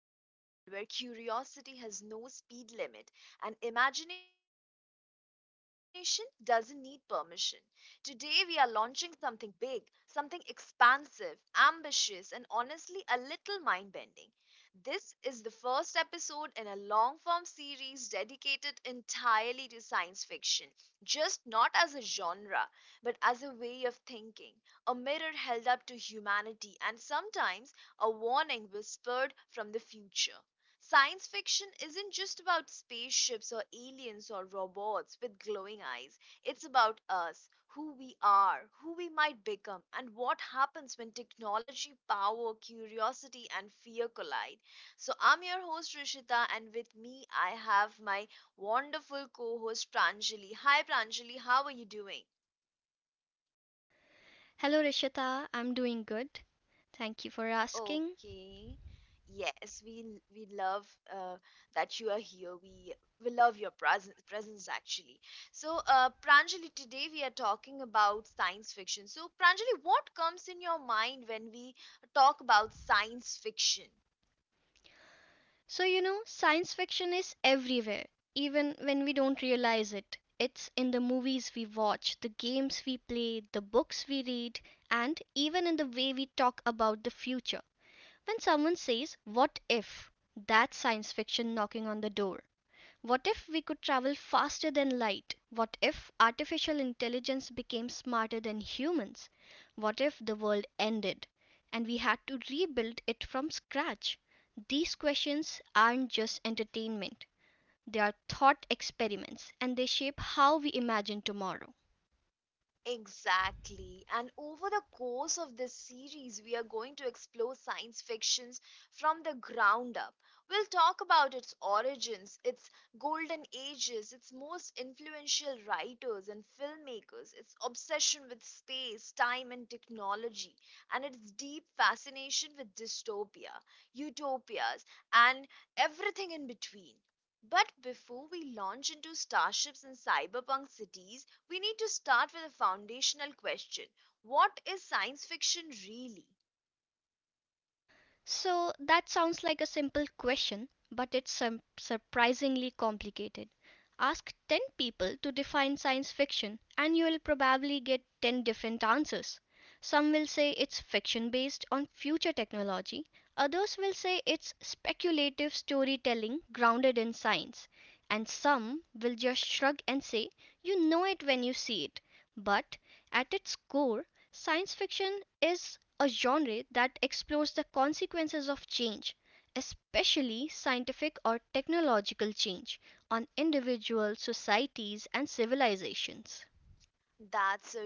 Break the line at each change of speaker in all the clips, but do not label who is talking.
curiosity has no speed limit and imagination doesn't need permission. Today, we are launching something big, something expansive, ambitious, and honestly a little mind bending. This is the first episode in a long form series dedicated entirely to science fiction, just not as a genre, but as a way of thinking, a mirror held up to humanity, and sometimes a warning whispered from the future. Science fiction isn't just about spaceships or aliens or robots with glowing eyes. It's about us, who we are, who we might become, and what happens when technology, power, curiosity, and fear collide. So, I'm your host Rishita, and with me, I have my wonderful co host Pranjali. Hi, Pranjali, how are you doing?
Hello, Rishita. I'm doing good. Thank you for asking.
Okay. Yes, we love uh, that you are here. We love your presence actually. So, Pranjali, today we are talking about science fiction. So, Pranjali, what comes in your mind when we talk about science fiction?
Science fiction is everywhere, even when we don't realize it. It's in the movies we watch, the games we play, the books we read, and even in the way we talk about the future. When someone says, what if? That's science fiction knocking on the door. What if we could travel faster than light? What if artificial intelligence became smarter than humans? What if the world ended, and we had to rebuild it from scratch? These questions aren't just entertainment. They are thought experiments, and they shape how we imagine tomorrow.
Exactly. And over the course of this series, we are going to explore science fictions from the ground up. We'll talk about its origins, its golden ages, its most influential writers and filmmakers, its obsession with space, time, and technology, and its deep fascination with dystopia, utopias, and everything in between. But before we launch into starships and cyberpunk cities, we need to start with a foundational question. What is science fiction really?
So that sounds like a simple question, but it's surprisingly complicated. Ask 10 people to define science fiction, and you'll probably get 10 different answers. Some will say it's fiction based on future technology, others will say it's speculative storytelling grounded in science, and some will just shrug and say, you know it when you see it. But at its core, science fiction is a genre that explores the consequences of change, especially scientific or technological change, on individuals, societies, and civilizations.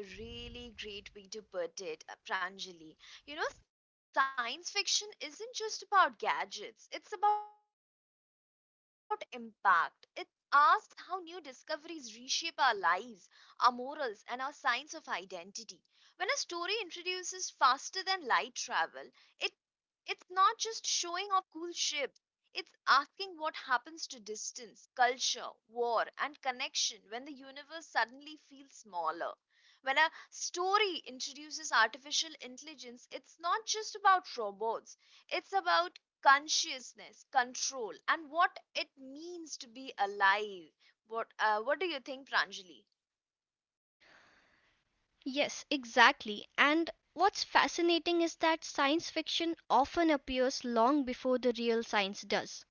That's a really great way to put it, Pranjali. You know, science fiction isn't just about gadgets, it's about impact. It asks how new discoveries reshape our lives, our morals, and our sense of identity. When a story introduces faster than light travel, it it's not just showing off cool ships, it's asking what happens to distance, culture, war, and connection when the universe suddenly feels smaller. When a story introduces artificial intelligence, it's not just about robots, it's about consciousness, control, and what it means to be alive. What do you think, Pranjali?
Yes, exactly. And what's fascinating is that science fiction often appears long before the real science does.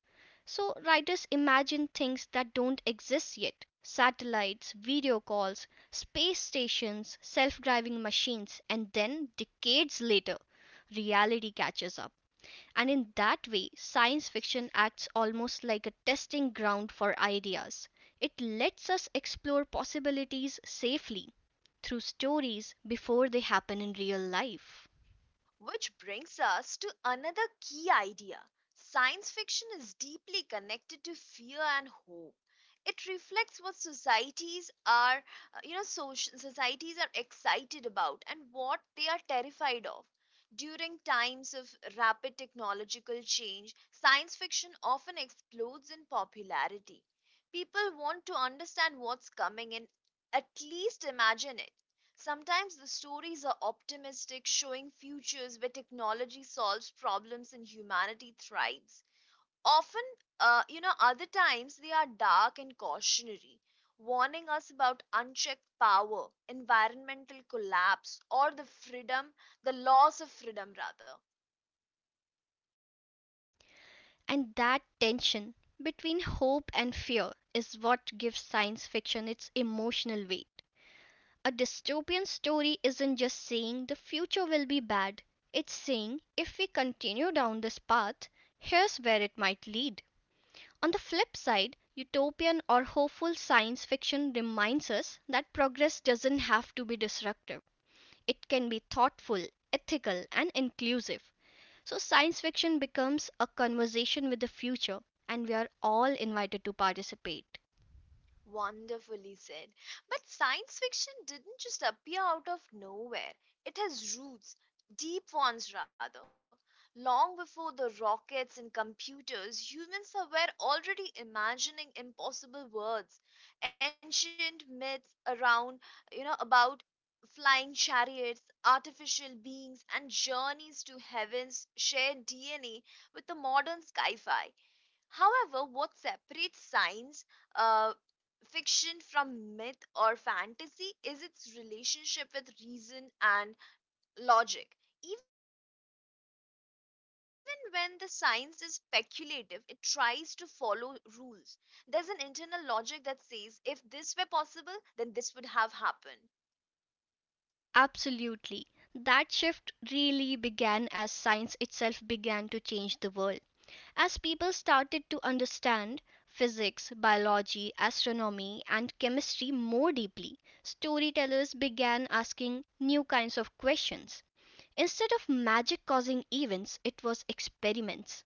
So writers imagine things that don't exist yet: satellites, video calls, space stations, self driving machines, and then decades later, reality catches up. And in that way science fiction acts almost like a testing ground for ideas. It lets us explore possibilities safely through stories before they happen in real life.
Which brings us to another key idea. Science fiction is deeply connected to fear and hope. It reflects what societies are, you know, soci societies are excited about and what they are terrified of. During times of rapid technological change, science fiction often explodes in popularity. People want to understand what's coming and at least imagine it. Sometimes the stories are optimistic, showing futures where technology solves problems and humanity thrives. Often, other times they are dark and cautionary, warning us about unchecked power, environmental collapse, or the loss of freedom, rather.
And that tension between hope and fear is what gives science fiction its emotional weight. A dystopian story isn't just saying the future will be bad, it's saying if we continue down this path, here's where it might lead. On the flip side, utopian or hopeful science fiction reminds us that progress doesn't have to be disruptive. It can be thoughtful, ethical, and inclusive. So science fiction becomes a conversation with the future, and we are all invited to participate.
Wonderfully said. But science fiction didn't just appear out of nowhere. It has roots, deep ones rather. Long before the rockets and computers, humans were already imagining impossible worlds. Ancient myths about flying chariots, artificial beings, and journeys to heavens share DNA with the modern sci fi. However, what separates science uh, fiction from myth or fantasy is its relationship with reason and logic. Even when the science is speculative, it tries to follow rules. There's an internal logic that says if this were possible, then this would have happened.
Absolutely. That shift really began as science itself began to change the world. As people started to understand physics, biology, astronomy, and chemistry more deeply, storytellers began asking new kinds of questions. Instead of magic causing events, it was experiments.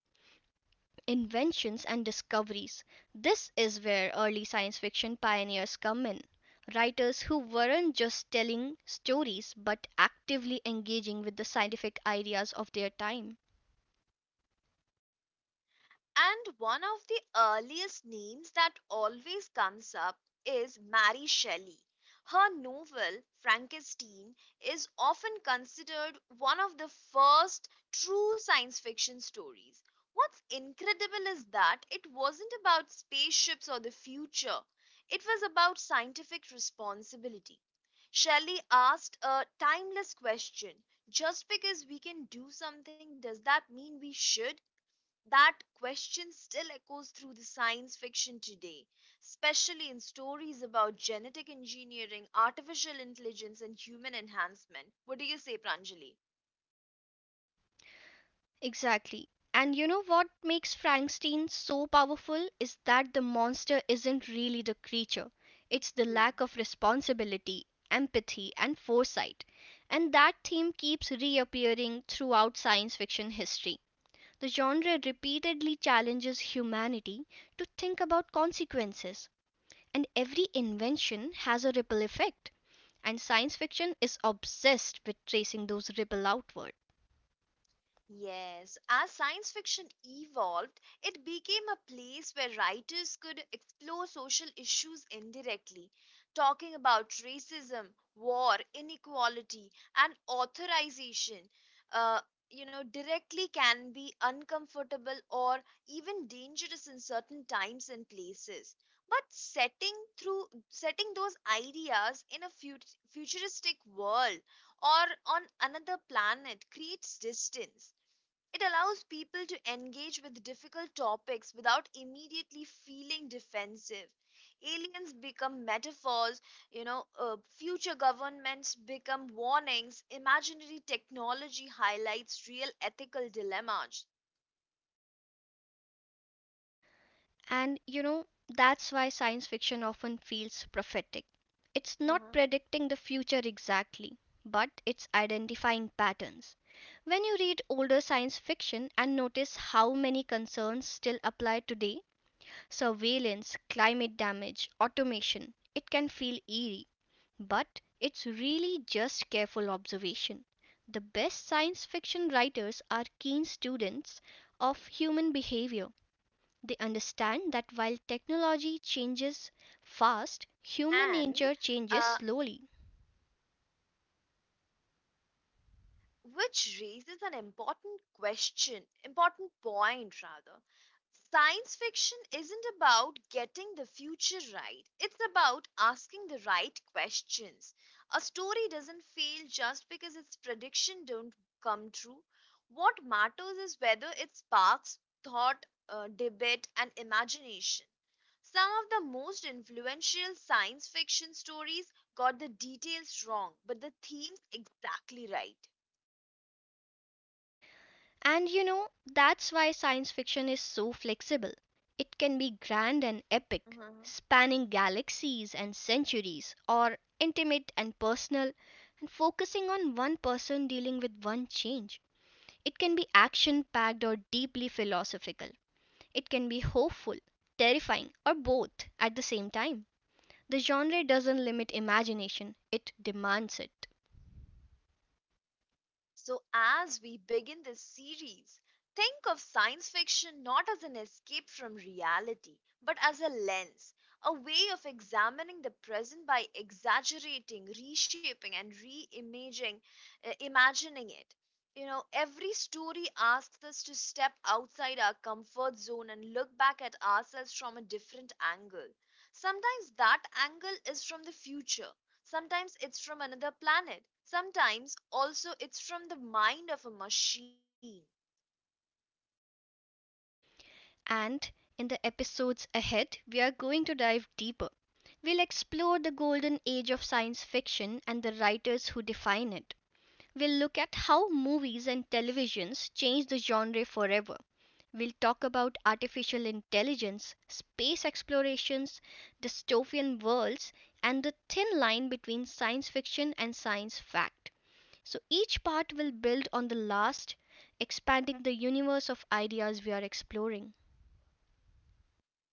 Inventions and discoveries: this is where early science fiction pioneers come in. Writers who weren't just telling stories but actively engaging with the scientific ideas of their time.
And one of the earliest names that always comes up is Mary Shelley. Her novel, Frankenstein, is often considered one of the first true science fiction stories. What's incredible is that it wasn't about spaceships or the future, it was about scientific responsibility. Shelley asked a timeless question: just because we can do something, does that mean we should? That question still echoes through the science fiction today, especially in stories about genetic engineering, artificial intelligence, and human enhancement. What do you say, Pranjali?
Exactly. And you know what makes Frankenstein so powerful is that the monster isn't really the creature. It's the
True.
lack of responsibility, empathy, and foresight. And that theme keeps reappearing throughout science fiction history. The genre repeatedly challenges humanity to think about consequences, and every invention has a ripple effect, and science fiction is obsessed with tracing those ripple outward.
Yes, as science fiction evolved, it became a place where writers could explore social issues indirectly, talking about racism, war, inequality, and authorization. Uh, you know, directly can be uncomfortable or even dangerous in certain times and places. But setting those ideas in a futuristic world or on another planet creates distance. It allows people to engage with difficult topics without immediately feeling defensive. Aliens become metaphors, future governments become warnings, imaginary technology highlights real ethical dilemmas.
That's why science fiction often feels prophetic. It's
Uh-huh.
not predicting the future exactly, but it's identifying patterns. When you read older science fiction and notice how many concerns still apply today, surveillance, climate damage, automation, it can feel eerie, but it's really just careful observation. The best science fiction writers are keen students of human behavior. They understand that while technology changes fast, human
And
nature changes
Uh, uh,
slowly.
which raises an important point rather. Science fiction isn't about getting the future right, it's about asking the right questions. A story doesn't fail just because its prediction don't come true. What matters is whether it sparks thought, debate and imagination. Some of the most influential science fiction stories got the details wrong, but the themes exactly right.
That's why science fiction is so flexible. It can be grand and epic, spanning galaxies and centuries, or intimate and personal, and focusing on one person dealing with one change. It can be action packed or deeply philosophical. It can be hopeful, terrifying, or both at the same time. The genre doesn't limit imagination, it demands it.
So, as we begin this series, think of science fiction not as an escape from reality, but as a lens, a way of examining the present by exaggerating, reshaping, and reimagining imagining it. You know, every story asks us to step outside our comfort zone and look back at ourselves from a different angle. Sometimes that angle is from the future. Sometimes it's from another planet. Sometimes also it's from the mind of a machine.
And in the episodes ahead, we are going to dive deeper. We'll explore the golden age of science fiction and the writers who define it. We'll look at how movies and televisions changed the genre forever. We'll talk about artificial intelligence, space explorations, dystopian worlds, and the thin line between science fiction and science fact. So each part will build on the last, expanding the universe of ideas we are exploring.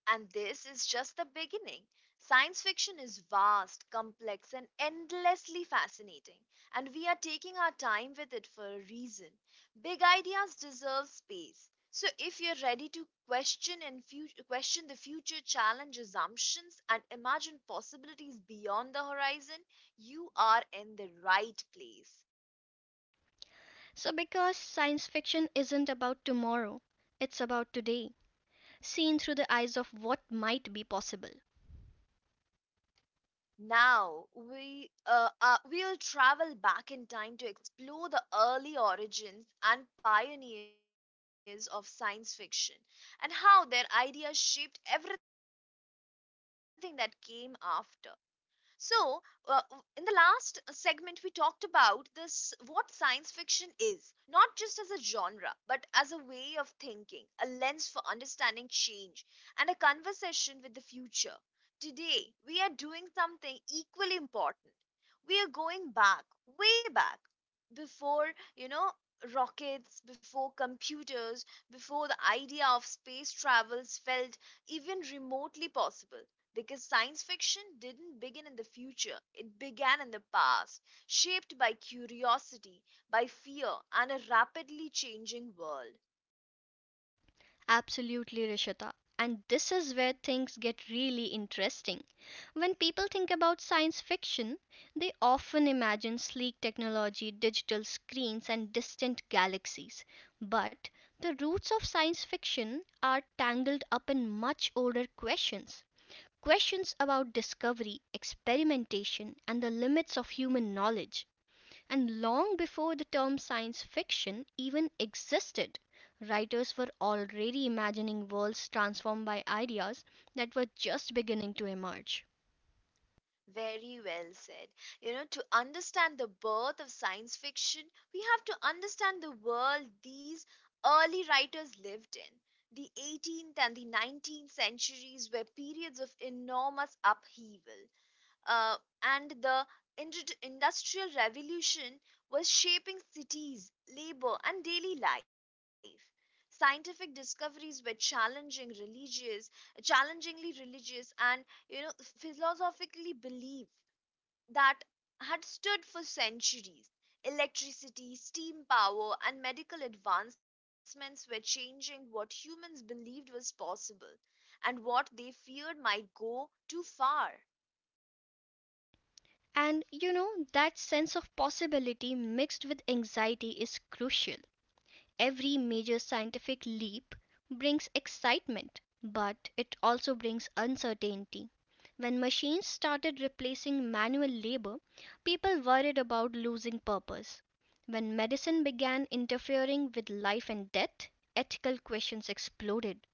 And this is just the beginning. Science fiction is vast, complex, and endlessly fascinating. And we are taking our time with it for a reason. Big ideas deserve space. So if you're ready to question the future, challenge assumptions, and imagine possibilities beyond the horizon, you are in the right place.
So, because science fiction isn't about tomorrow, it's about today, seen through the eyes of what might be possible.
Now we'll travel back in time to explore the early origins and pioneers of science fiction and how their ideas shaped everything that came after. So, in the last segment, we talked about this what science fiction is, not just as a genre, but as a way of thinking, a lens for understanding change, and a conversation with the future. Today, we are doing something equally important. We are going back, way back, before, rockets, before computers, before the idea of space travels felt even remotely possible, because science fiction didn't begin in the future, it began in the past, shaped by curiosity, by fear, and a rapidly changing world.
Absolutely, Rishita. And this is where things get really interesting. When people think about science fiction, they often imagine sleek technology, digital screens, and distant galaxies. But the roots of science fiction are tangled up in much older questions. Questions about discovery, experimentation, and the limits of human knowledge, and long before the term science fiction even existed, writers were already imagining worlds transformed by ideas that were just beginning to emerge.
Very well said. You know, to understand the birth of science fiction, we have to understand the world these early writers lived in. The 18th and the 19th centuries were periods of enormous upheaval. uh, and the industrial revolution was shaping cities, labor, and daily life. Scientific discoveries were challenging challengingly religious, and you know philosophically belief that had stood for centuries. Electricity, steam power, and medical advancements were changing what humans believed was possible and what they feared might go too far.
And you know that sense of possibility mixed with anxiety is crucial. Every major scientific leap brings excitement, but it also brings uncertainty. When machines started replacing manual labor, people worried about losing purpose. When medicine began interfering with life and death, ethical questions exploded.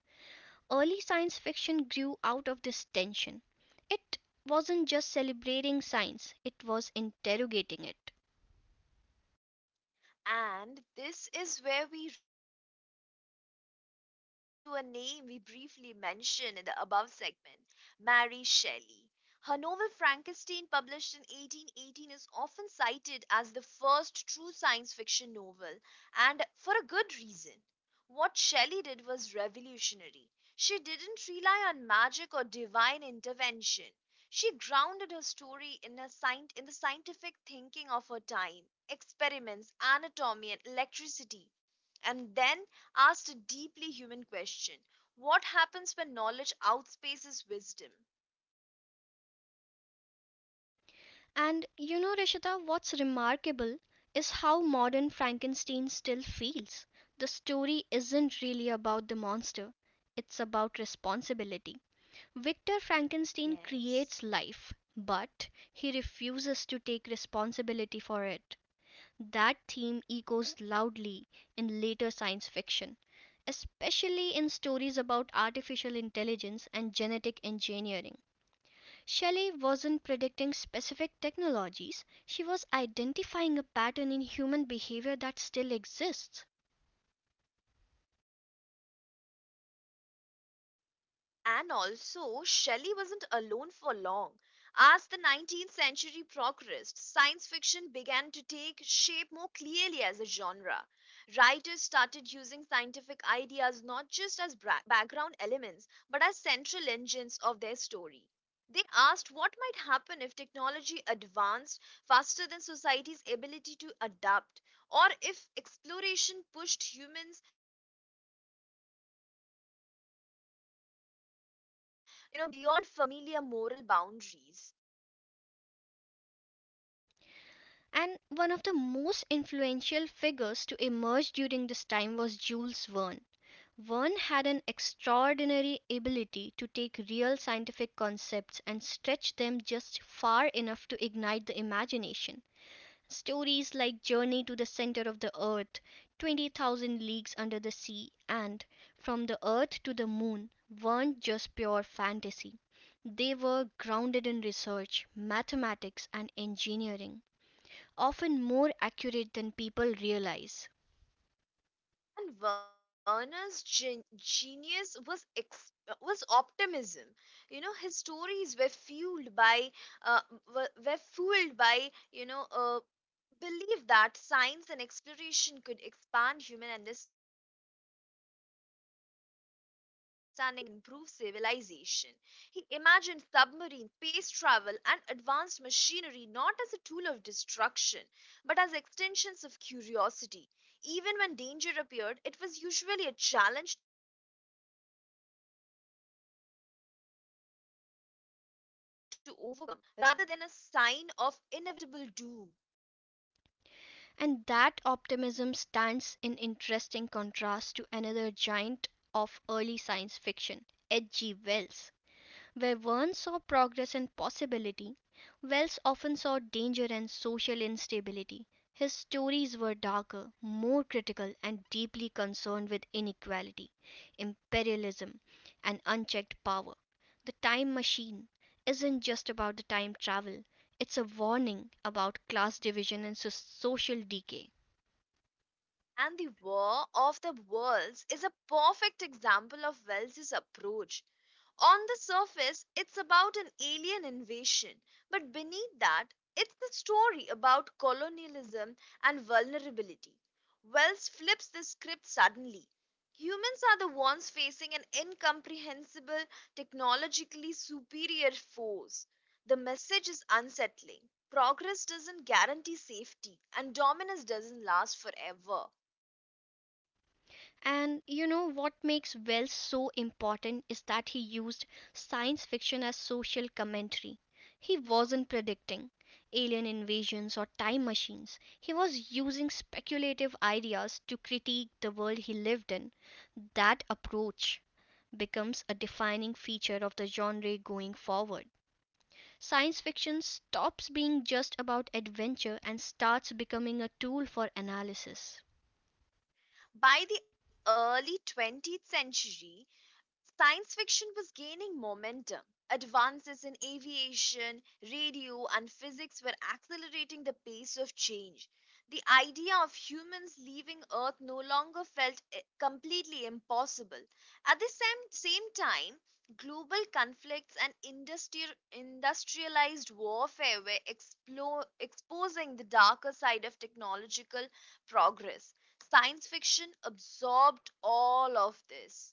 Early science fiction grew out of this tension. It wasn't just celebrating science, it was interrogating it.
And this is where we return to a name we briefly mentioned in the above segment: Mary Shelley. Her novel Frankenstein, published in 1818, is often cited as the first true science fiction novel, and for a good reason. What Shelley did was revolutionary. She didn't rely on magic or divine intervention. She grounded her story in the scientific thinking of her time, experiments, anatomy, and electricity, and then asked a deeply human question: what happens when knowledge outspaces wisdom?
Rishita, what's remarkable is how modern Frankenstein still feels. The story
Mhm.
isn't really about the monster, it's about responsibility. Victor Frankenstein creates
Yes.
life, but he refuses to take responsibility for it. That theme echoes loudly in later science fiction, especially in stories about artificial intelligence and genetic engineering. Shelley wasn't predicting specific technologies, she was identifying a pattern in human behavior that still exists.
And also, Shelley wasn't alone for long. As the 19th century progressed, science fiction began to take shape more clearly as a genre. Writers started using scientific ideas not just as background elements, but as central engines of their stories. They asked what might happen if technology advanced faster than society's ability to adapt, or if exploration pushed humans, beyond familiar moral boundaries.
And one of the most influential figures to emerge during this time was Jules Verne. Verne had an extraordinary ability to take real scientific concepts and stretch them just far enough to ignite the imagination. Stories like "Journey to the Center of the Earth," "20,000 Leagues Under the Sea," and "From the Earth to the Moon" weren't just pure fantasy. They were grounded in research, mathematics, and engineering, often more accurate than people realize.
And genius was was optimism. You know, his stories were uh, fueled by, believed that science and exploration could expand human understanding and improve civilization. He imagined submarines, space travel, and advanced machinery not as a tool of destruction, but as extensions of curiosity. Even when danger appeared, it was usually a challenge to overcome rather than a sign of inevitable doom.
And that optimism stands in interesting contrast to another giant of early science fiction, H. G. Wells. Where Verne saw progress and possibility, Wells often saw danger and social instability. His stories were darker, more critical, and deeply concerned with inequality, imperialism, and unchecked power. The Time Machine isn't just about the time travel, it's a warning about class division and social decay.
And the War of the Worlds is a perfect example of Wells's approach. On the surface, it's about an alien invasion, but beneath that, it's the story about colonialism and vulnerability. Wells flips the script suddenly. Humans are the ones facing an incomprehensible, technologically superior force. The message is unsettling. Progress doesn't guarantee safety, and dominance doesn't last forever.
And you know what makes Wells so important is that he used science fiction as social commentary. He wasn't predicting alien invasions or time machines. He was using speculative ideas to critique the world he lived in. That approach becomes a defining feature of the genre going forward. Science fiction stops being just about adventure and starts becoming a tool for analysis.
By the early 20th century, science fiction was gaining momentum. Advances in aviation, radio, and physics were accelerating the pace of change. The idea of humans leaving Earth no longer felt completely impossible. At the same time, global conflicts and industrialized warfare were exposing the darker side of technological progress. Science fiction absorbed all of this.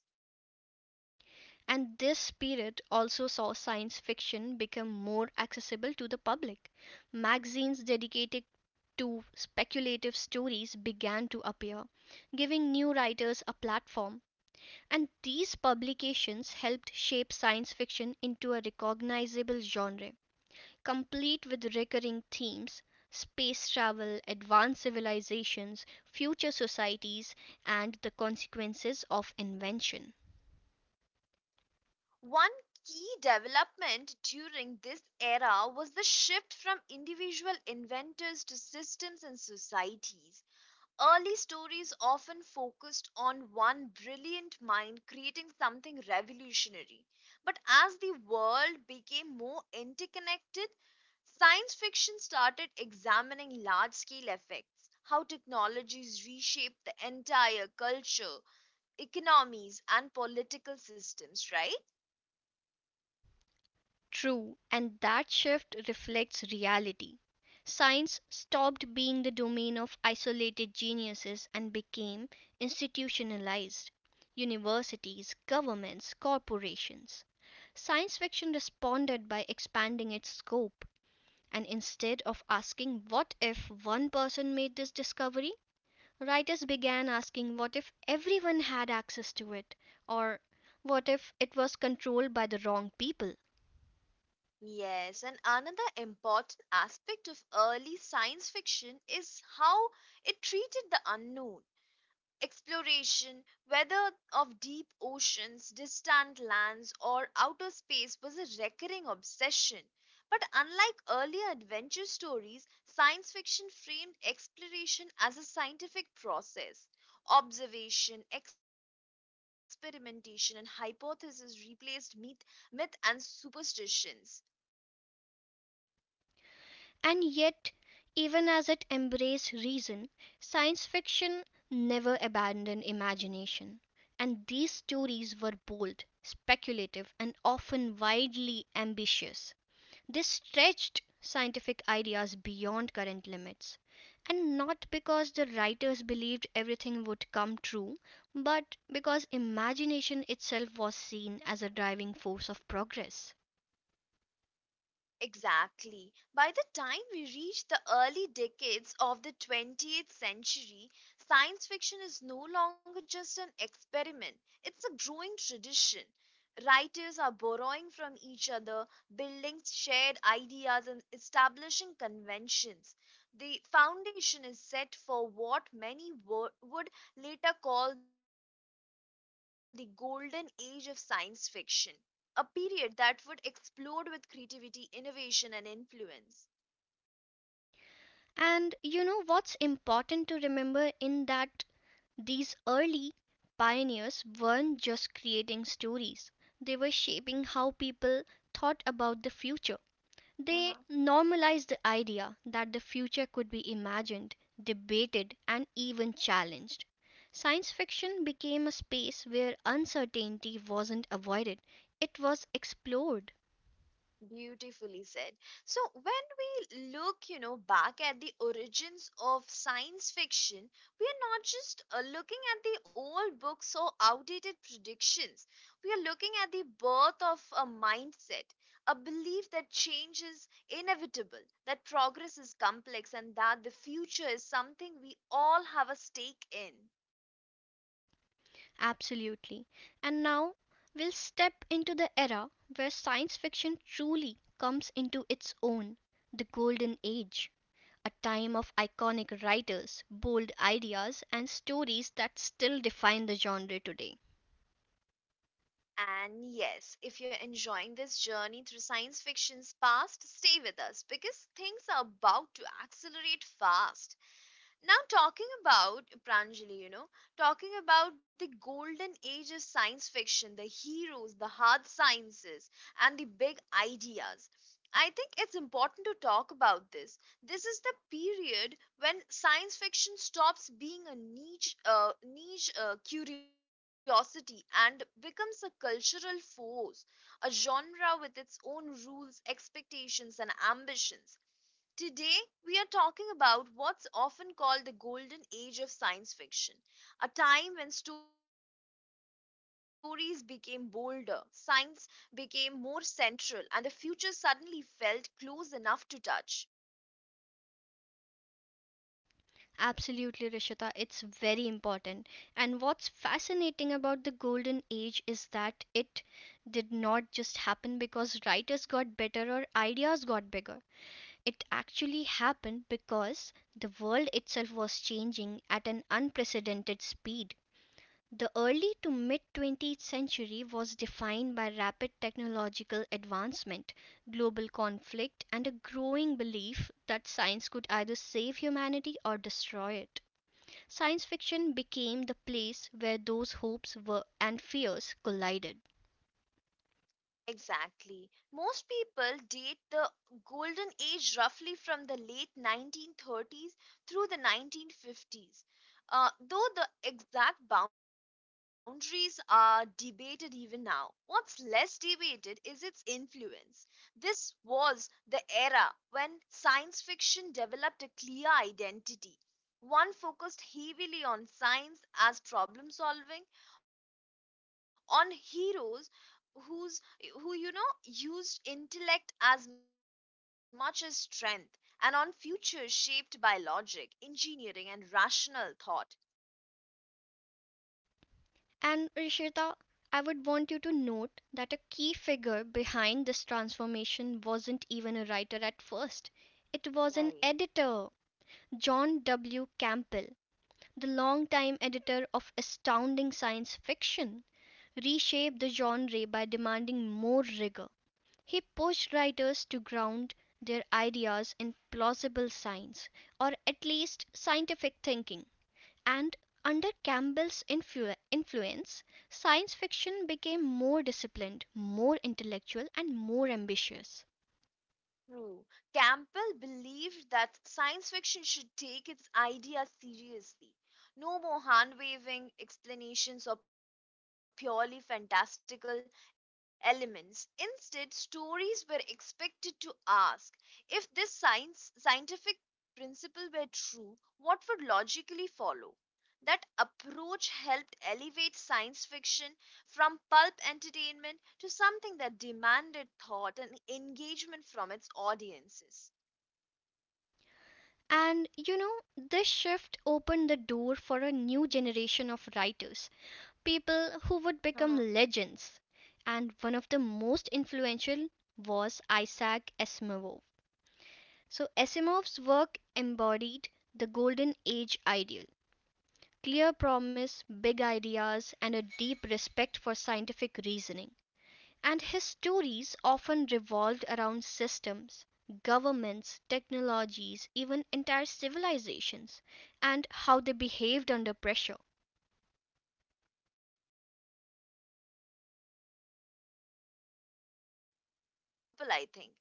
And this period also saw science fiction become more accessible to the public. Magazines dedicated to speculative stories began to appear, giving new writers a platform. And these publications helped shape science fiction into a recognizable genre, complete with recurring themes: space travel, advanced civilizations, future societies, and the consequences of invention.
One key development during this era was the shift from individual inventors to systems and societies. Early stories often focused on one brilliant mind creating something revolutionary. But as the world became more interconnected, science fiction started examining large scale effects, how technologies reshape the entire culture, economies, and political systems, right?
True, and that shift reflects reality. Science stopped being the domain of isolated geniuses and became institutionalized: universities, governments, corporations. Science fiction responded by expanding its scope, and instead of asking what if one person made this discovery, writers began asking what if everyone had access to it, or what if it was controlled by the wrong people.
Yes, and another important aspect of early science fiction is how it treated the unknown. Exploration, whether of deep oceans, distant lands, or outer space, was a recurring obsession. But unlike earlier adventure stories, science fiction framed exploration as a scientific process. Observation, experimentation, and hypothesis replaced myth and superstitions.
And yet, even as it embraced reason, science fiction never abandoned imagination, and these stories were bold, speculative, and often wildly ambitious. They stretched scientific ideas beyond current limits, and not because the writers believed everything would come true, but because imagination itself was seen as a driving force of progress.
Exactly. By the time we reach the early decades of the 20th century, science fiction is no longer just an experiment, it's a growing tradition. Writers are borrowing from each other, building shared ideas, and establishing conventions. The foundation is set for what many would later call the golden age of science fiction, a period that would explode with creativity, innovation, and influence.
And you know what's important to remember in that these early pioneers weren't just creating stories, they were shaping how people thought about the future.
Uh-huh.
They normalized the idea that the future could be imagined, debated, and even challenged. Science fiction became a space where uncertainty wasn't avoided, it was explored.
Beautifully said. So, when we look, back at the origins of science fiction, we are not just looking at the old books or outdated predictions. We are looking at the birth of a mindset, a belief that change is inevitable, that progress is complex, and that the future is something we all have a stake in.
Absolutely. And now we'll step into the era where science fiction truly comes into its own, the Golden Age. A time of iconic writers, bold ideas, and stories that still define the genre today.
And yes, if you're enjoying this journey through science fiction's past, stay with us because things are about to accelerate fast. Now, talking about Pranjali, talking about the golden age of science fiction, the heroes, the hard sciences, and the big ideas. I think it's important to talk about this. This is the period when science fiction stops being a niche curiosity and becomes a cultural force, a genre with its own rules, expectations, and ambitions. Today, we are talking about what's often called the golden age of science fiction, a time when stories became bolder, science became more central, and the future suddenly felt close enough to touch.
Absolutely, Rishita, it's very important. And what's fascinating about the Golden Age is that it did not just happen because writers got better or ideas got bigger. It actually happened because the world itself was changing at an unprecedented speed. The early to mid 20th century was defined by rapid technological advancement, global conflict, and a growing belief that science could either save humanity or destroy it. Science fiction became the place where those hopes were and fears collided.
Exactly. Most people date the golden age roughly from the late 1930s through the 1950s, though the exact boundaries are debated even now. What's less debated is its influence. This was the era when science fiction developed a clear identity. One focused heavily on science as problem solving, on heroes whose who used intellect as much as strength, and on futures shaped by logic, engineering, and rational thought.
And, Rishita, I would want you to note that a key figure behind this transformation wasn't even a writer at first. It was an
Right.
editor, John W. Campbell, the longtime editor of Astounding Science Fiction, reshaped the genre by demanding more rigor. He pushed writers to ground their ideas in plausible science, or at least scientific thinking. And under Campbell's influence, science fiction became more disciplined, more intellectual, and more ambitious.
True. Campbell believed that science fiction should take its ideas seriously. No more hand waving explanations or purely fantastical elements. Instead, stories were expected to ask, if this science scientific principle were true, what would logically follow? That approach helped elevate science fiction from pulp entertainment to something that demanded thought and engagement from its audiences.
And you know, this shift opened the door for a new generation of writers, people who would become
Uh-huh.
legends. And one of the most influential was Isaac Asimov. So, Asimov's work embodied the Golden Age ideal clear promise, big ideas, and a deep respect for scientific reasoning. And his stories often revolved around systems, governments, technologies, even entire civilizations, and how they behaved under pressure.
Simo's Foundation series is a perfect example, I think.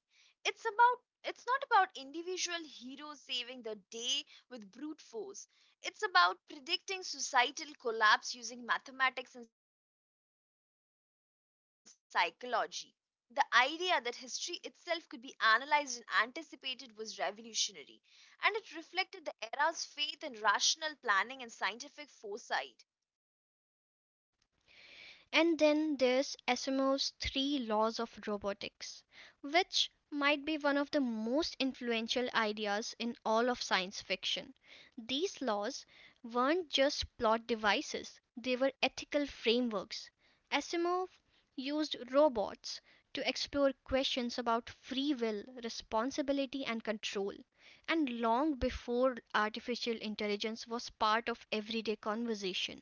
It's about it's not about individual heroes saving the day with brute force. It's about predicting societal collapse using mathematics and psychology. The idea that history itself could be analyzed and anticipated was revolutionary, and it reflected the era's faith in rational planning and scientific foresight.
And then there's Asimov's Three Laws of Robotics, which might be one of the most influential ideas in all of science fiction. These laws weren't just plot devices, they were ethical frameworks. Asimov used robots to explore questions about free will, responsibility, and control. And long before artificial intelligence was part of everyday conversation.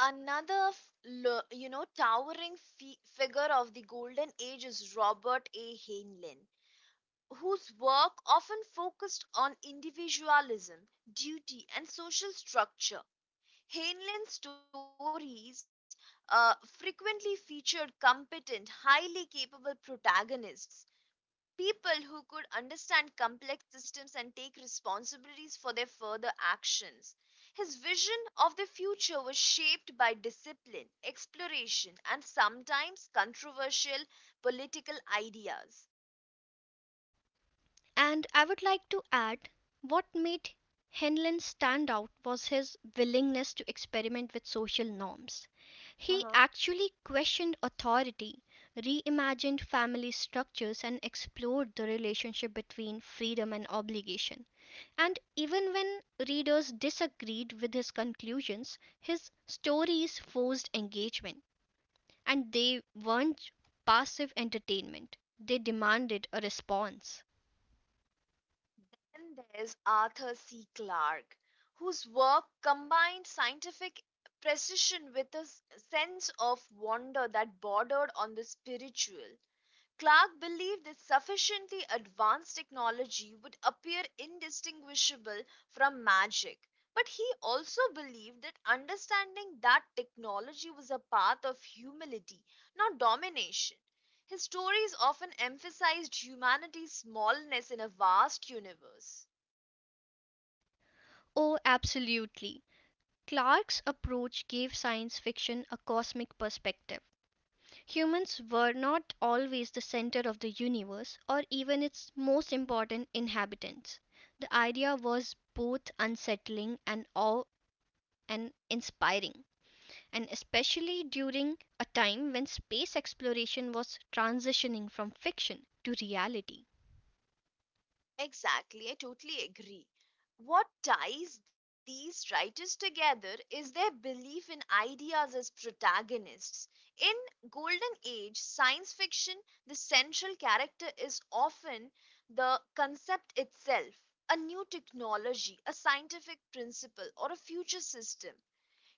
Another, f- lo- you know, towering figure of the Golden Age is Robert A. Heinlein, whose work often focused on individualism, duty, and social structure. Heinlein's stories frequently featured competent, highly capable protagonists, people who could understand complex systems and take responsibilities for their further actions. His vision of the future was shaped by discipline, exploration, and sometimes controversial political ideas.
And I would like to add what made Henlon stand out was his willingness to experiment with social norms. He
Uh-huh.
actually questioned authority, reimagined family structures, and explored the relationship between freedom and obligation. And even when readers disagreed with his conclusions, his stories forced engagement, and they weren't passive entertainment, they demanded a response.
Then there's Arthur C. Clarke, whose work combined scientific precision with a sense of wonder that bordered on the spiritual. Clark believed that sufficiently advanced technology would appear indistinguishable from magic. But he also believed that understanding that technology was a path of humility, not domination. His stories often emphasized humanity's smallness in a vast universe.
Oh, absolutely. Clarke's approach gave science fiction a cosmic perspective. Humans were not always the center of the universe or even its most important inhabitants. The idea was both unsettling and awe and inspiring, and especially during a time when space exploration was transitioning from fiction to reality.
Exactly, I totally agree. What ties these writers together is their belief in ideas as protagonists. In Golden Age science fiction, the central character is often the concept itself, a new technology, a scientific principle, or a future system.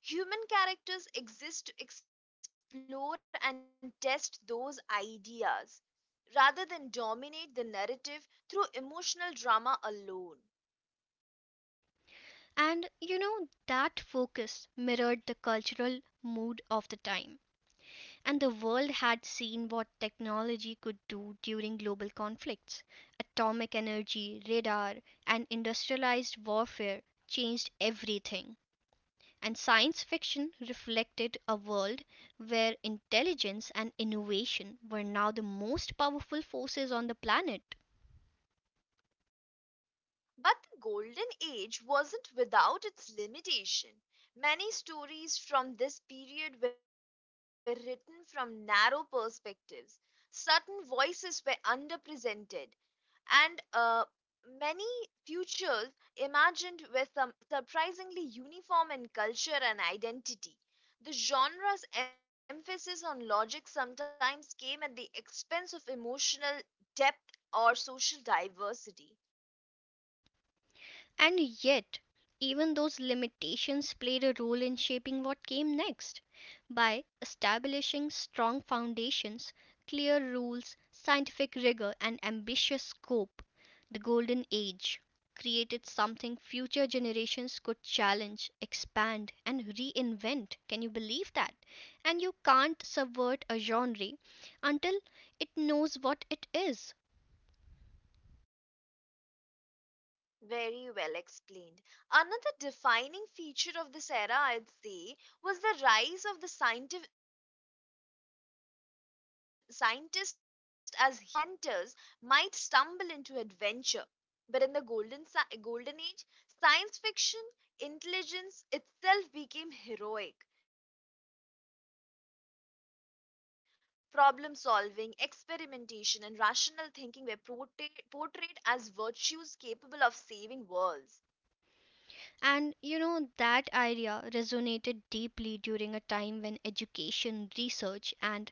Human characters exist to explore and test those ideas rather than dominate the narrative through emotional drama alone.
And you know, that focus mirrored the cultural mood of the time. And the world had seen what technology could do during global conflicts. Atomic energy, radar, and industrialized warfare changed everything. And science fiction reflected a world where intelligence and innovation were now the most powerful forces on the planet.
But the Golden Age wasn't without its limitation. Many stories from this period were written from narrow perspectives. Certain voices were underrepresented, and many futures imagined were some surprisingly uniform in culture and identity. The genre's emphasis on logic sometimes came at the expense of emotional depth or social diversity.
And yet, even those limitations played a role in shaping what came next. By establishing strong foundations, clear rules, scientific rigor, and ambitious scope, the Golden Age created something future generations could challenge, expand, and reinvent. Can you believe that? And you can't subvert a genre until it knows what it is.
Very well explained. Another defining feature of this era, I'd say, was the rise of the scientist as hero. In earlier stories, explorers or inventors might stumble into adventure. But in the golden age, science fiction, intelligence itself became heroic. Problem solving, experimentation, and rational thinking were portrayed as virtues capable of saving worlds.
And you know, that idea resonated deeply during a time when education, research, and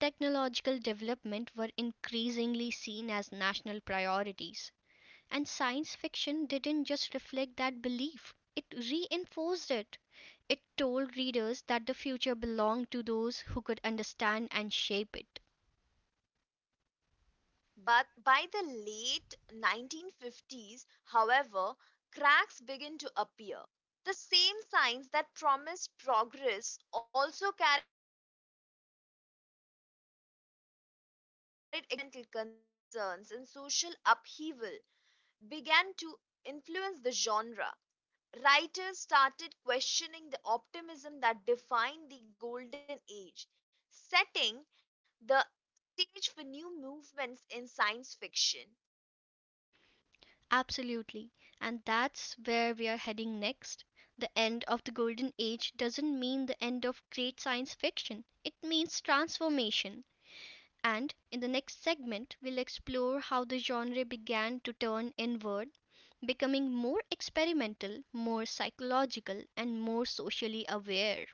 technological development were increasingly seen as national priorities. And science fiction didn't just reflect that belief, it reinforced it. It told readers that the future belonged to those who could understand and shape it.
But by the late 1950s, however, cracks begin to appear. The same signs that promised progress also carried existential risks, nuclear anxiety, environmental concerns, and social upheaval, began to influence the genre. Writers started questioning the optimism that defined the Golden Age, setting the stage for new movements in science fiction.
Absolutely. And that's where we're heading next. The end of the Golden Age doesn't mean the end of great science fiction, it means transformation. And in the next segment, we'll explore how the genre began to turn inward, becoming more experimental, more psychological, and more socially aware.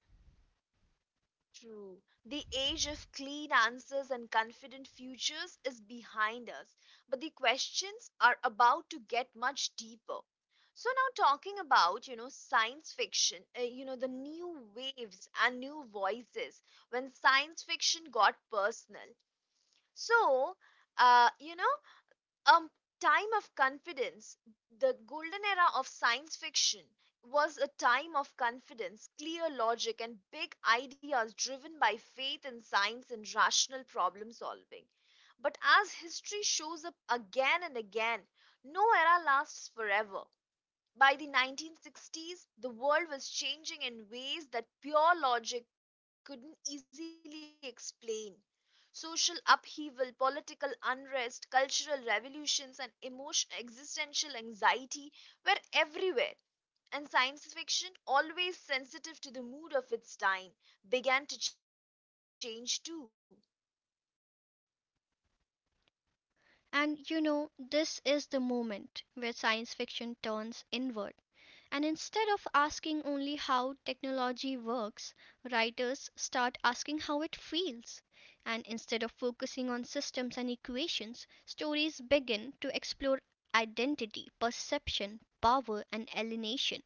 True. The age of clean answers and confident futures is behind us, but the questions are about to get much deeper. So now talking about, science fiction, the new waves and new voices when science fiction got personal. So, you know, a time of confidence The golden era of science fiction was a time of confidence, clear logic, and big ideas, driven by faith in science and rational problem solving. But as history shows up again and again, no era lasts forever. By the 1960s, the world was changing in ways that pure logic couldn't easily explain. Social upheaval, political unrest, cultural revolutions, and emotion, existential anxiety were everywhere. And science fiction, always sensitive to the mood of its time, began to change too.
And, you know, this is the moment where science fiction turns inward, and instead of asking only how technology works, writers start asking how it feels. And instead of focusing on systems and equations, stories begin to explore identity, perception, power, and alienation.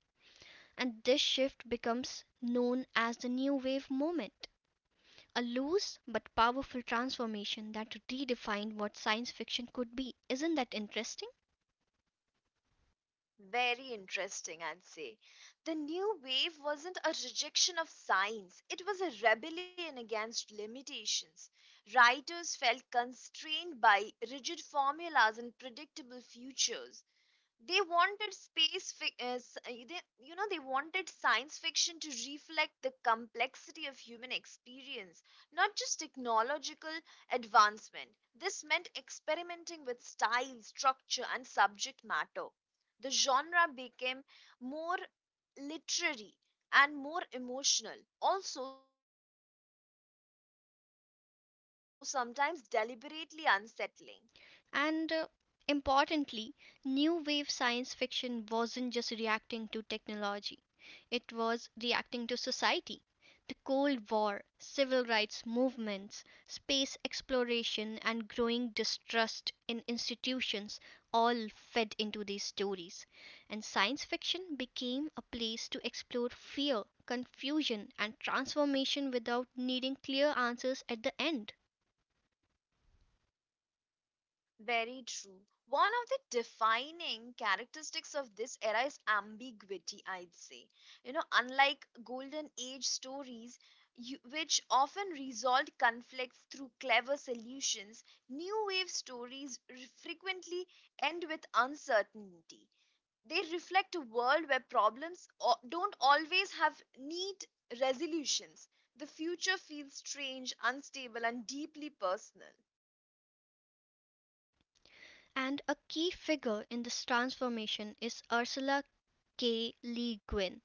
And this shift becomes known as the New Wave moment a loose but powerful transformation that redefined what science fiction could be. Isn't that interesting?
Very interesting, I'd say. The new wave wasn't a rejection of science, it was a rebellion against limitations. Writers felt constrained by rigid formulas and predictable futures. They wanted space fi- s- they, you know they wanted science fiction to reflect the complexity of human experience, not just technological advancement. This meant experimenting with style, structure, and subject matter. The genre became more literary and more emotional, also sometimes deliberately unsettling.
And importantly, new wave science fiction wasn't just reacting to technology, it was reacting to society. The Cold War, civil rights movements, space exploration, and growing distrust in institutions all fed into these stories. And science fiction became a place to explore fear, confusion, and transformation without needing clear answers at the end.
Very true. One of the defining characteristics of this era is ambiguity, I'd say. You know, unlike golden age stories, which often resolved conflicts through clever solutions, new wave stories frequently end with uncertainty. They reflect a world where problems don't always have neat resolutions. The future feels strange, unstable, and deeply personal.
And a key figure in this transformation is Ursula K. Le Guin.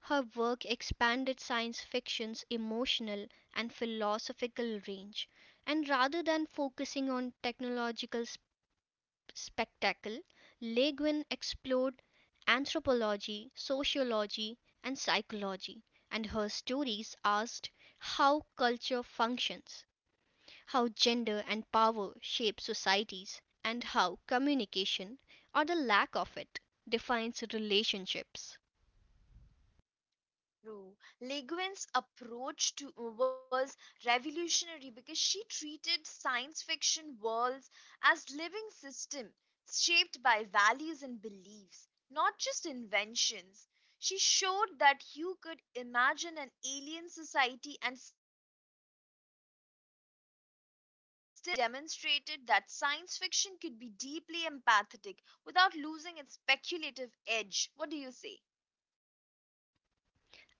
Her work expanded science fiction's emotional and philosophical range, and rather than focusing on technological spectacle, Le Guin explored anthropology, sociology, and psychology, and her stories asked how culture functions how gender and power shape societies, and how communication, or the lack of it, defines relationships.
True. Le Guin's approach to was revolutionary because she treated science fiction worlds as living system, shaped by values and beliefs, not just inventions. She showed that you could imagine an alien society and still be talking directly about human problems. Her work demonstrated that science fiction could be deeply empathetic without losing its speculative edge. What do you say?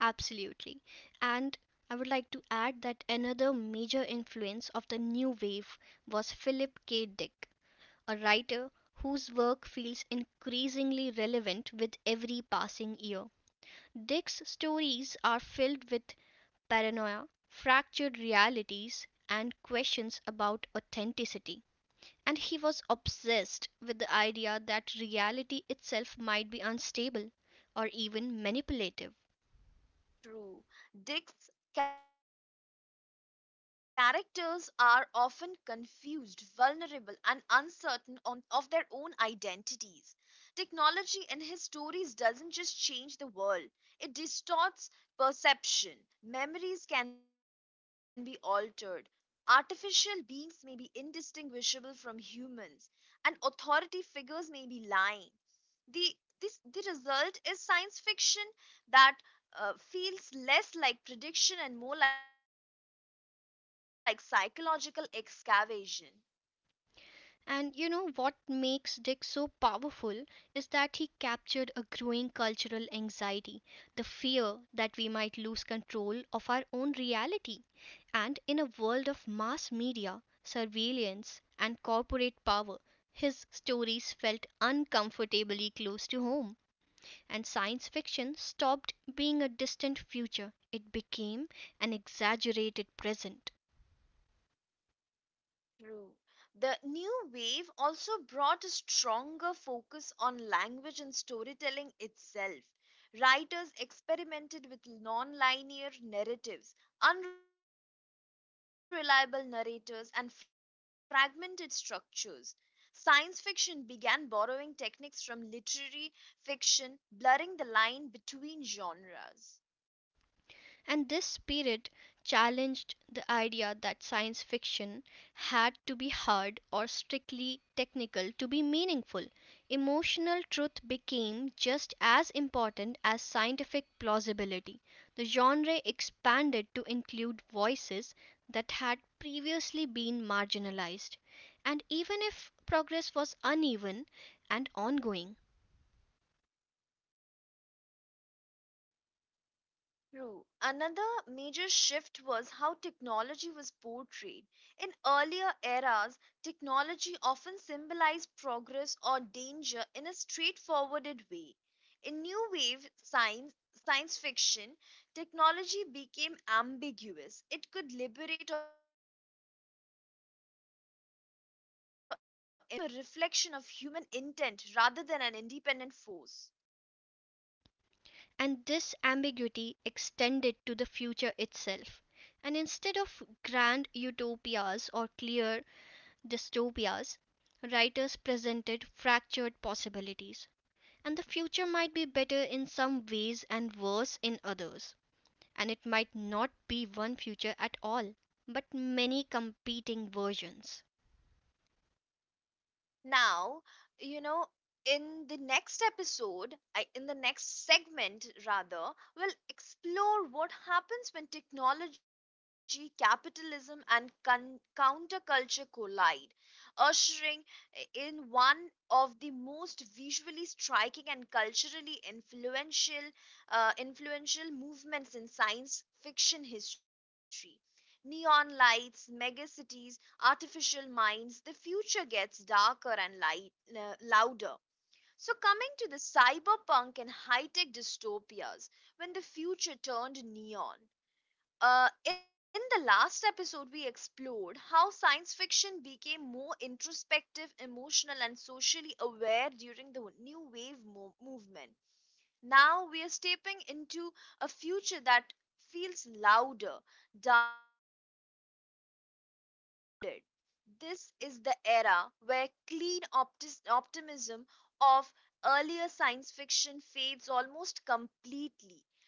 Absolutely. And I would like to add that another major influence of the new wave was Philip K. Dick, a writer whose work feels increasingly relevant with every passing year. Dick's stories are filled with paranoia, fractured realities, and questions about authenticity. And he was obsessed with the idea that reality itself might be unstable, or even manipulative.
True. Dick's characters are often confused, vulnerable, and uncertain of their own identities. Technology in his stories doesn't just change the world, it distorts perception. Memories can be altered. Artificial beings may be indistinguishable from humans, and authority figures may be lying. the the result is science fiction that feels less like prediction and more like psychological excavation.
And you know what makes Dick so powerful is that he captured a growing cultural anxiety, the fear that we might lose control of our own reality. And in a world of mass media, surveillance, and corporate power, his stories felt uncomfortably close to home. And science fiction stopped being a distant future. It became an exaggerated present.
True. The new wave also brought a stronger focus on language and storytelling itself. Writers experimented with non-linear narratives, unreliable narrators, and fragmented structures. Science fiction began borrowing techniques from literary fiction, blurring the line between genres.
And this spirit challenged the idea that science fiction had to be hard or strictly technical to be meaningful. Emotional truth became just as important as scientific plausibility. The genre expanded to include voices that had previously been marginalized. And even if progress was uneven and ongoing,
True. Another major shift was how technology was portrayed. In earlier eras, technology often symbolized progress or danger in a straightforwarded way. In science fiction, technology became ambiguous. It could liberate or imprison, it could connect people or isolate them. It became a reflection of human intent rather than an independent force.
and this ambiguity extended to the future itself, and instead of grand utopias or clear dystopias, writers presented fractured possibilities. And the future might be better in some ways and worse in others, and it might not be one future at all, but many competing versions.
Now, you know in the next segment rather, we'll explore what happens when technology, capitalism, and counterculture collide, ushering in one of the most visually striking and culturally influential movements in science fiction history. Neon lights, megacities, artificial minds, the future gets darker and louder. So, coming to the cyberpunk and high tech dystopias, when the future turned neon. In the last episode, we explored how science fiction became more introspective, emotional, and socially aware during the New Wave movement. Now we are stepping into a future that feels louder, darker, and far more crowded. This is the era where clean optimism of earlier science fiction fades almost completely,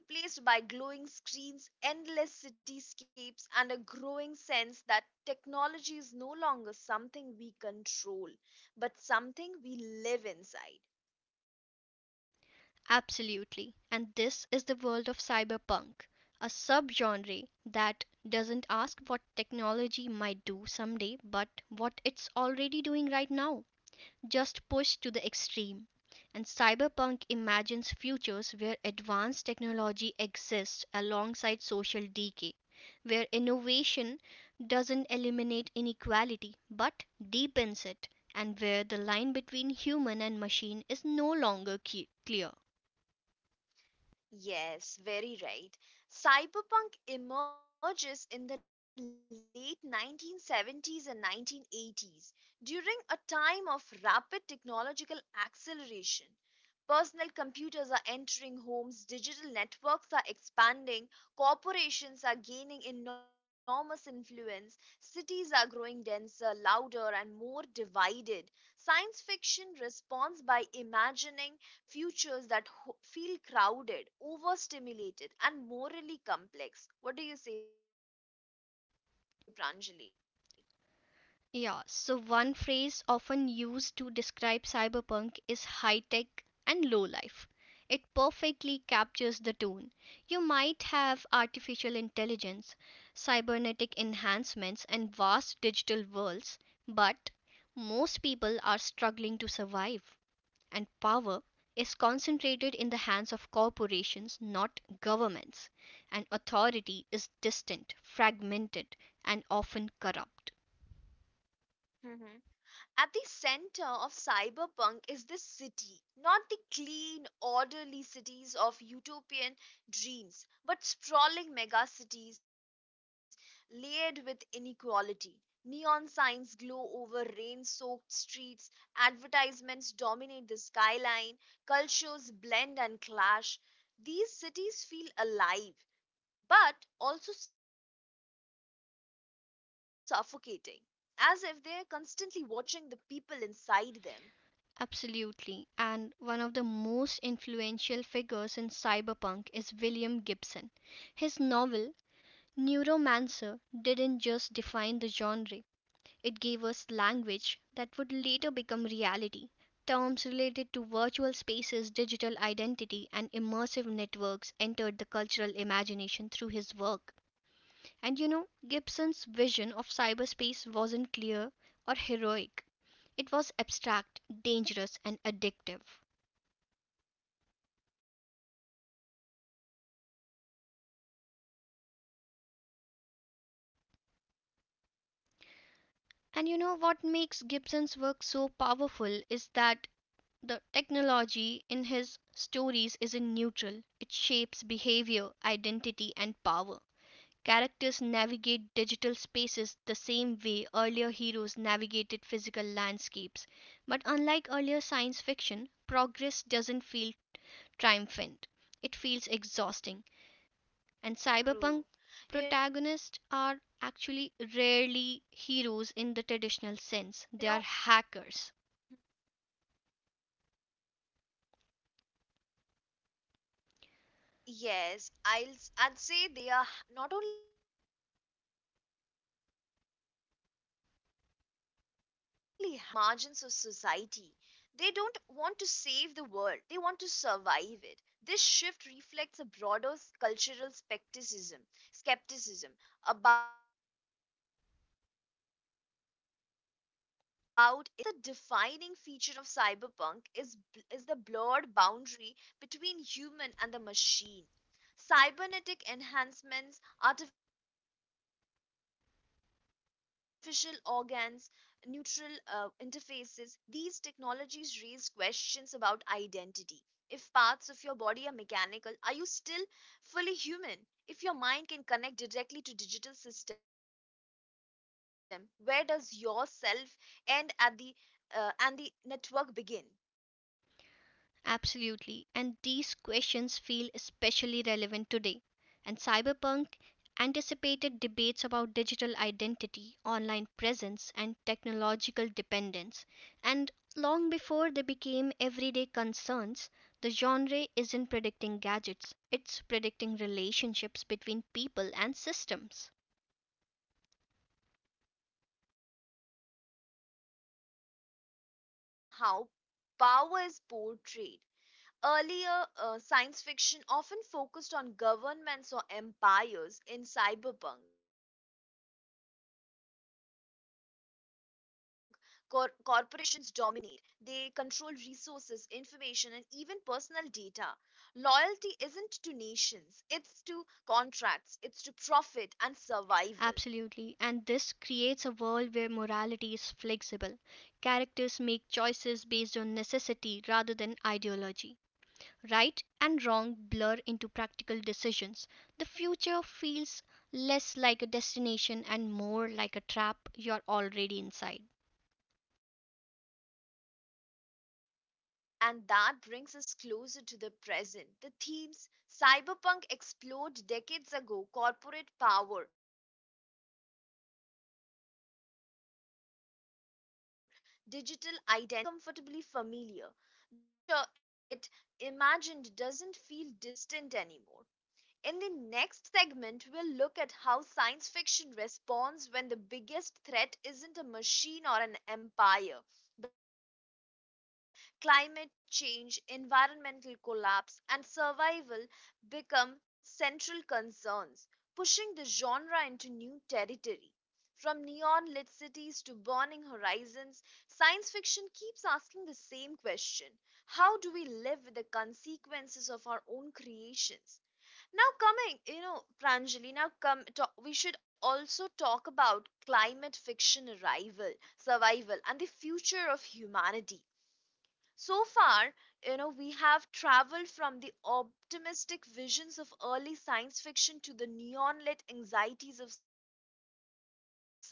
replaced by glowing screens, endless cityscapes, and a growing sense that technology is no longer something we control, but something we live inside.
Absolutely. And this is the world of cyberpunk, a subgenre that doesn't ask what technology might do someday, but what it's already doing right now, just pushed to the extreme. And cyberpunk imagines futures where advanced technology exists alongside social decay, where innovation doesn't eliminate inequality but deepens it, and where the line between human and machine is no longer clear.
Yes, very right. Cyberpunk emerges in the late 1970s and 1980s during a time of rapid technological acceleration. Personal computers are entering homes, digital networks are expanding, corporations are gaining enormous influence, cities are growing denser, louder, and more divided. Science fiction responds by imagining futures that feel crowded, overstimulated, and morally complex. What do you say, Pranjali?
Yeah, so one phrase often used to describe cyberpunk is high tech and low life. It perfectly captures the tone. You might have artificial intelligence, cybernetic enhancements, and vast digital worlds, but most people are struggling to survive, and power is concentrated in the hands of corporations, not governments, and authority is distant, fragmented, and often corrupt.
At the center of cyberpunk is the city, not the clean, orderly cities of utopian dreams, but sprawling megacities layered with inequality. Neon signs glow over rain soaked streets, advertisements dominate the skyline, cultures blend and clash. These cities feel alive, but also suffocating, as if they're constantly watching the people inside them.
Absolutely. And one of the most influential figures in cyberpunk is William Gibson. His novel, Neuromancer, didn't just define the genre, it gave us language that would later become reality. Terms related to virtual spaces, digital identity, and immersive networks entered the cultural imagination through his work. And you know, Gibson's vision of cyberspace wasn't clear or heroic. It was abstract, dangerous, and addictive. And you know what makes Gibson's work so powerful is that the technology in his stories isn't neutral. It shapes behavior, identity, and power. Characters navigate digital spaces the same way earlier heroes navigated physical landscapes. But unlike earlier science fiction, progress doesn't feel triumphant. It feels exhausting. And
True.
cyberpunk
You know,
protagonists
yes,
are actually rarely heroes in the traditional sense. They are hackers.
Yes, I'd say they are not only hackers, they are outsiders, freelancers, people on the margins of society. They don't want to save the world, they want to survive it. This shift reflects a broader cultural skepticism, skepticism about institutions and grand narratives of progress. Another defining feature of cyberpunk is the blurred boundary between human and the machine. Cybernetic enhancements, artificial organs, neutral interfaces, these technologies raise questions about identity. If parts of your body are mechanical, are you still fully human? If your mind can connect directly to digital system, where does yourself end at the network begin?
Absolutely. And these questions feel especially relevant today. And cyberpunk anticipated debates about digital identity, online presence, and technological dependence. And long before they became everyday concerns, the genre isn't predicting gadgets, it's predicting relationships between people and systems.
Cyberpunk also marks a major shift in how power is portrayed. Earlier, science fiction often focused on governments or empires. In cyberpunk, corporations dominate, they control resources, information, and even personal data. Loyalty isn't to nations, it's to contracts, it's to profit and survival.
Absolutely. And this creates a world where morality is flexible. Characters make choices based on necessity rather than ideology. Right and wrong blur into practical decisions. The future feels less like a destination and more like a trap you're already inside.
And that brings us closer to the present. The themes cyberpunk explored decades ago: corporate power, digital identity, surveillance, and technological dependency now feel uncomfortably familiar. The future it imagined doesn't feel distant anymore. In the next segment, we'll look at how science fiction responds when the biggest threat isn't a machine or an empire, but the planet itself. Climate change, environmental collapse, and survival become central concerns, pushing the genre into new territory. From neon lit cities to burning horizons, science fiction keeps asking the same question: how do we live with the consequences of our own creations? Now coming, Pranjali, now come talk, we should also talk about climate fiction arrival, survival and the future of humanity. So far, we have traveled from the optimistic visions of early science fiction to the neon-lit anxieties of cyberpunk.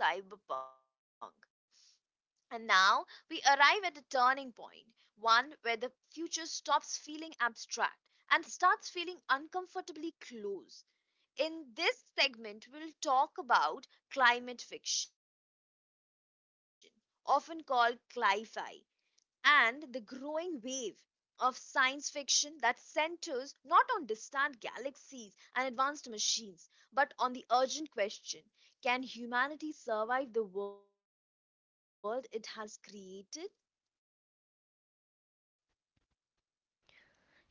And now we arrive at a turning point, one where the future stops feeling abstract and starts feeling uncomfortably close. In this segment, we'll talk about climate fiction, often called cli-fi, and the growing wave of science fiction that centers not on distant galaxies and advanced machines, but on the urgent question: can humanity survive the world it has created?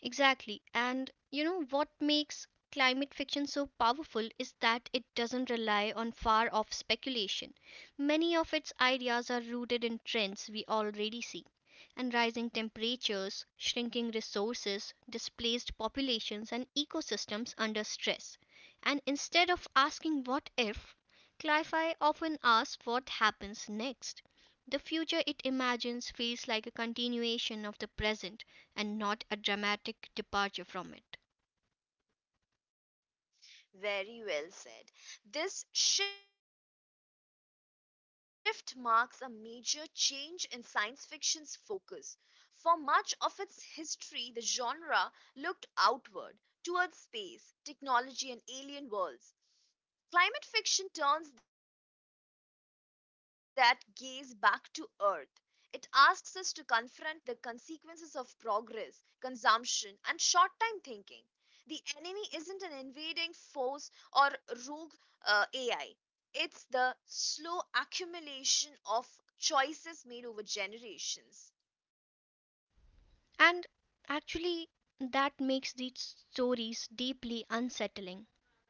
Exactly. And you know what makes climate fiction so powerful is that it doesn't rely on far off speculation. Many of its ideas are rooted in trends we already see. And rising temperatures, shrinking resources, displaced populations, and ecosystems under stress. And instead of asking what if, Cli-Fi often asks what happens next. The future it imagines feels like a continuation of the present and not a dramatic departure from it.
Very well said. This shift marks a major change in science fiction's focus. For much of its history, the genre looked outward towards space, technology, and alien worlds. Climate fiction turns that gaze back to Earth. It asks us to confront the consequences of progress, consumption, and short time thinking. The enemy isn't an invading force or rogue AI, it's the slow accumulation of choices made over generations.
And actually, that makes these stories deeply unsettling.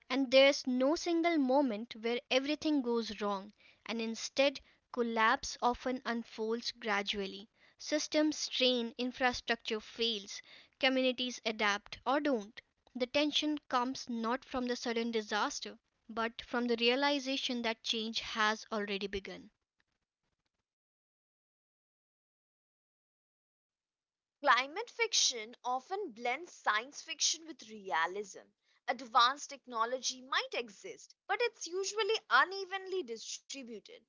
And there's no single moment where everything goes wrong, and instead, collapse often unfolds gradually. Systems strain, infrastructure fails, communities adapt or don't. The tension comes not from the sudden disaster, but from the realization that change has already begun.
Climate fiction often blends science fiction with realism. Advanced technology might exist, but it's usually unevenly distributed.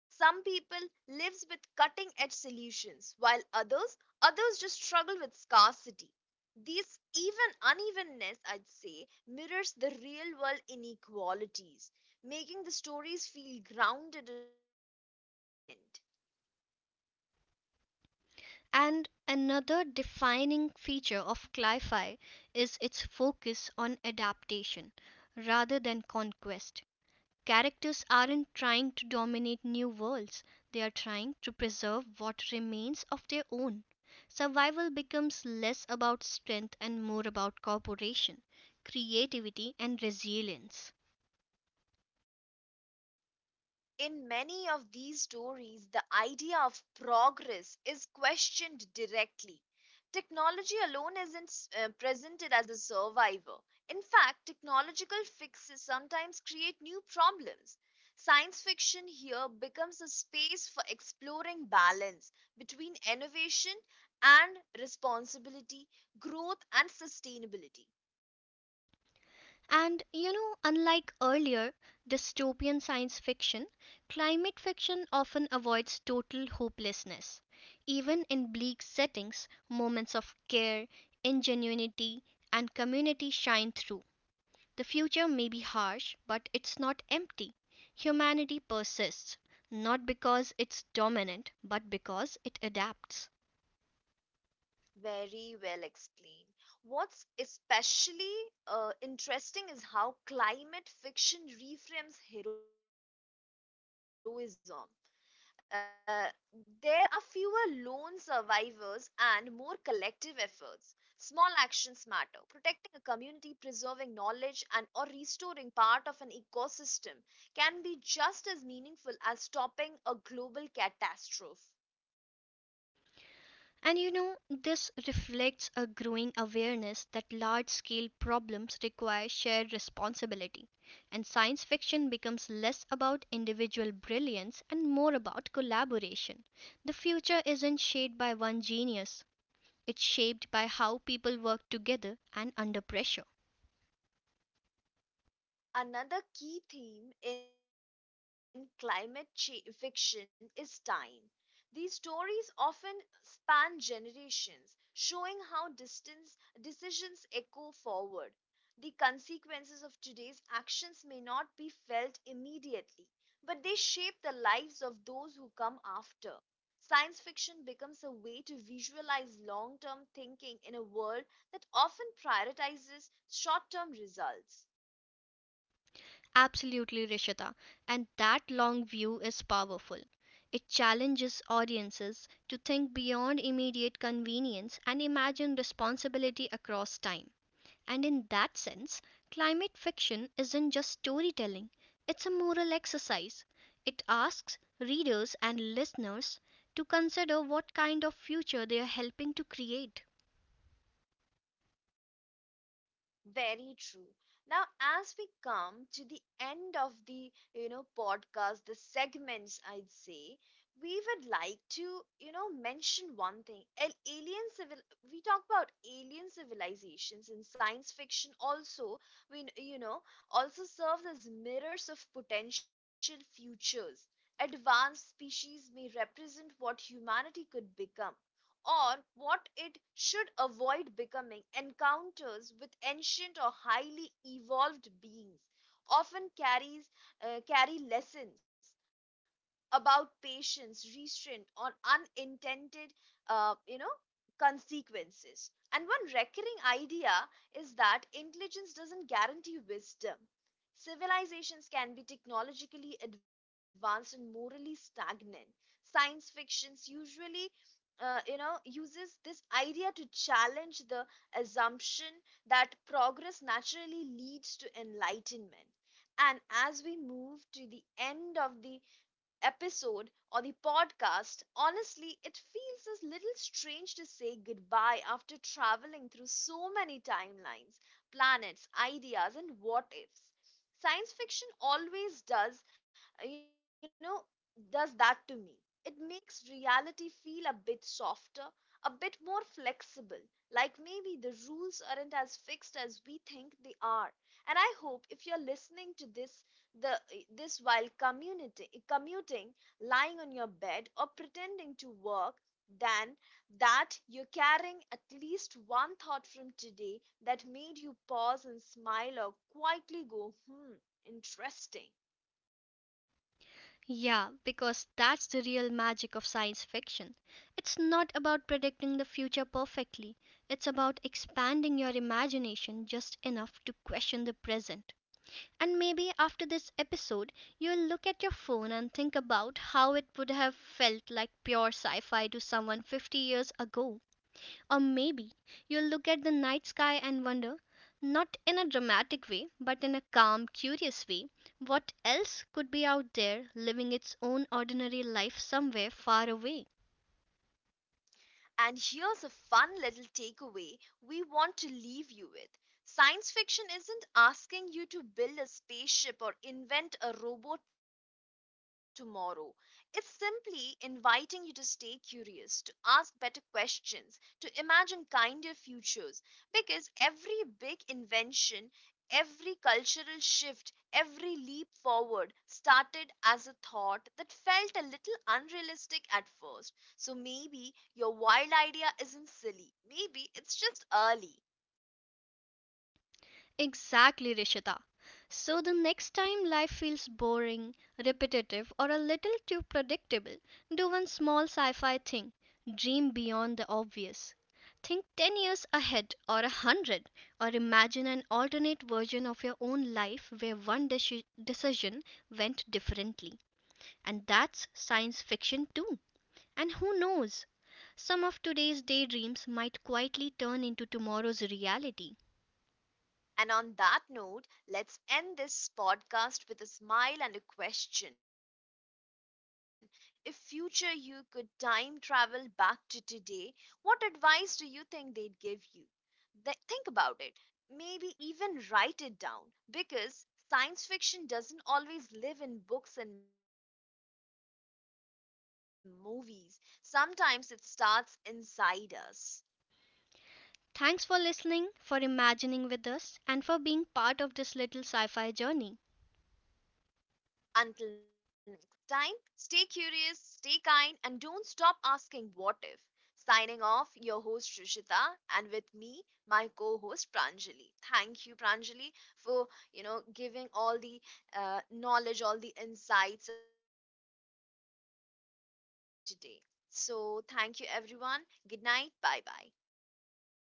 Some people live with cutting edge solutions, while others just struggle with scarcity. This even unevenness, I'd say, mirrors the real world inequalities, making the stories feel grounded and emotionally resonant.
And another defining feature of sci-fi is its focus on adaptation rather than conquest. Characters aren't trying to dominate new worlds, they are trying to preserve what remains of their own. Survival becomes less about strength and more about cooperation, creativity, and resilience.
In many of these stories, the idea of progress is questioned directly. Technology alone isn't presented as a survivor. In fact, technological fixes sometimes create new problems. Science fiction here becomes a space for exploring balance between innovation and responsibility, growth and sustainability.
And you know, unlike earlier dystopian science fiction, climate fiction often avoids total hopelessness. Even in bleak settings, moments of care, ingenuity, and community shine through. The future may be harsh, but it's not empty. Humanity persists, not because it's dominant, but because it adapts.
Very well explained. What's especially interesting is how climate fiction reframes heroism. Uh, there are fewer lone survivors and more collective efforts. Small actions matter. Protecting a community, preserving knowledge, and or restoring part of an ecosystem can be just as meaningful as stopping a global catastrophe.
And you know, this reflects a growing awareness that large scale problems require shared responsibility, and science fiction becomes less about individual brilliance and more about collaboration. The future isn't shaped by one genius, it's shaped by how people work together and under pressure.
Another key theme in fiction is time. These stories often span generations, showing how distance decisions echo forward. The consequences of today's actions may not be felt immediately, but they shape the lives of those who come after. Science fiction becomes a way to visualize long term thinking in a world that often prioritizes short term results.
Absolutely, Rishita. And that long view is powerful. It challenges audiences to think beyond immediate convenience and imagine responsibility across time. And in that sense, climate fiction isn't just storytelling, it's a moral exercise. It asks readers and listeners to consider what kind of future they are helping to create.
Very true. Now, as we come to the end of the, podcast, the segments, I'd say, we would like to, mention one thing. Alien civil, we talk about alien civilizations in science fiction also, we, you know, also serves as mirrors of potential futures. Advanced species may represent what humanity could become, or what it should avoid becoming. Encounters with ancient or highly evolved beings often carries carry lessons about patience, restraint, or unintended, uh, you know, consequences. And one recurring idea is that intelligence doesn't guarantee wisdom. Civilizations can be technologically advanced and morally stagnant. Science fictions usually, uses this idea to challenge the assumption that progress naturally leads to enlightenment. And as we move to the end of the episode or the podcast, honestly, it feels a little strange to say goodbye after traveling through so many timelines, planets, ideas, and what ifs. Science fiction always uh, you know, does that to me. It makes reality feel a bit softer, a bit more flexible, like maybe the rules aren't as fixed as we think they are. And I hope if you're listening to this the this while commuting, lying on your bed, or pretending to work, than that you're carrying at least one thought from today that made you pause and smile or quietly go, hmm, interesting.
Yeah, because that's the real magic of science fiction. It's not about predicting the future perfectly, it's about expanding your imagination just enough to question the present. And maybe after this episode, you'll look at your phone and think about how it would have felt like pure sci fi to someone 50 years ago. Or maybe you'll look at the night sky and wonder, not in a dramatic way, but in a calm, curious way, what else could be out there living its own ordinary life somewhere far away.
And here's a fun little takeaway we want to leave you with. Science fiction isn't asking you to build a spaceship or invent a robot tomorrow. It's simply inviting you to stay curious, to ask better questions, to imagine kinder futures. Because every big invention, every cultural shift, every leap forward started as a thought that felt a little unrealistic at first, so maybe your wild idea isn't silly. Maybe it's just early.
Exactly, Rishita. So the next time life feels boring, repetitive, or a little too predictable, do one small sci fi thing. Dream beyond the obvious. Think 10 years ahead or 100, or imagine an alternate version of your own life where one decision went differently. And that's science fiction too. And who knows? Some of today's daydreams might quietly turn into tomorrow's reality.
And on that note, let's end this podcast with a smile and a question. If future you could time travel back to today, what advice do you think they'd give you? Think about it. Maybe even write it down, because science fiction doesn't always live in books and movies. Sometimes it starts inside us.
Thanks for listening, for imagining with us, and for being part of this little sci fi journey.
Until next time, stay curious, stay kind, and don't stop asking what if. Signing off, your host Rishita, and with me, my co-host Pranjali. Thank you, Pranjali, for giving all the knowledge, all the insights, and we are glad you are here today. So thank you, everyone. Good night. Bye bye.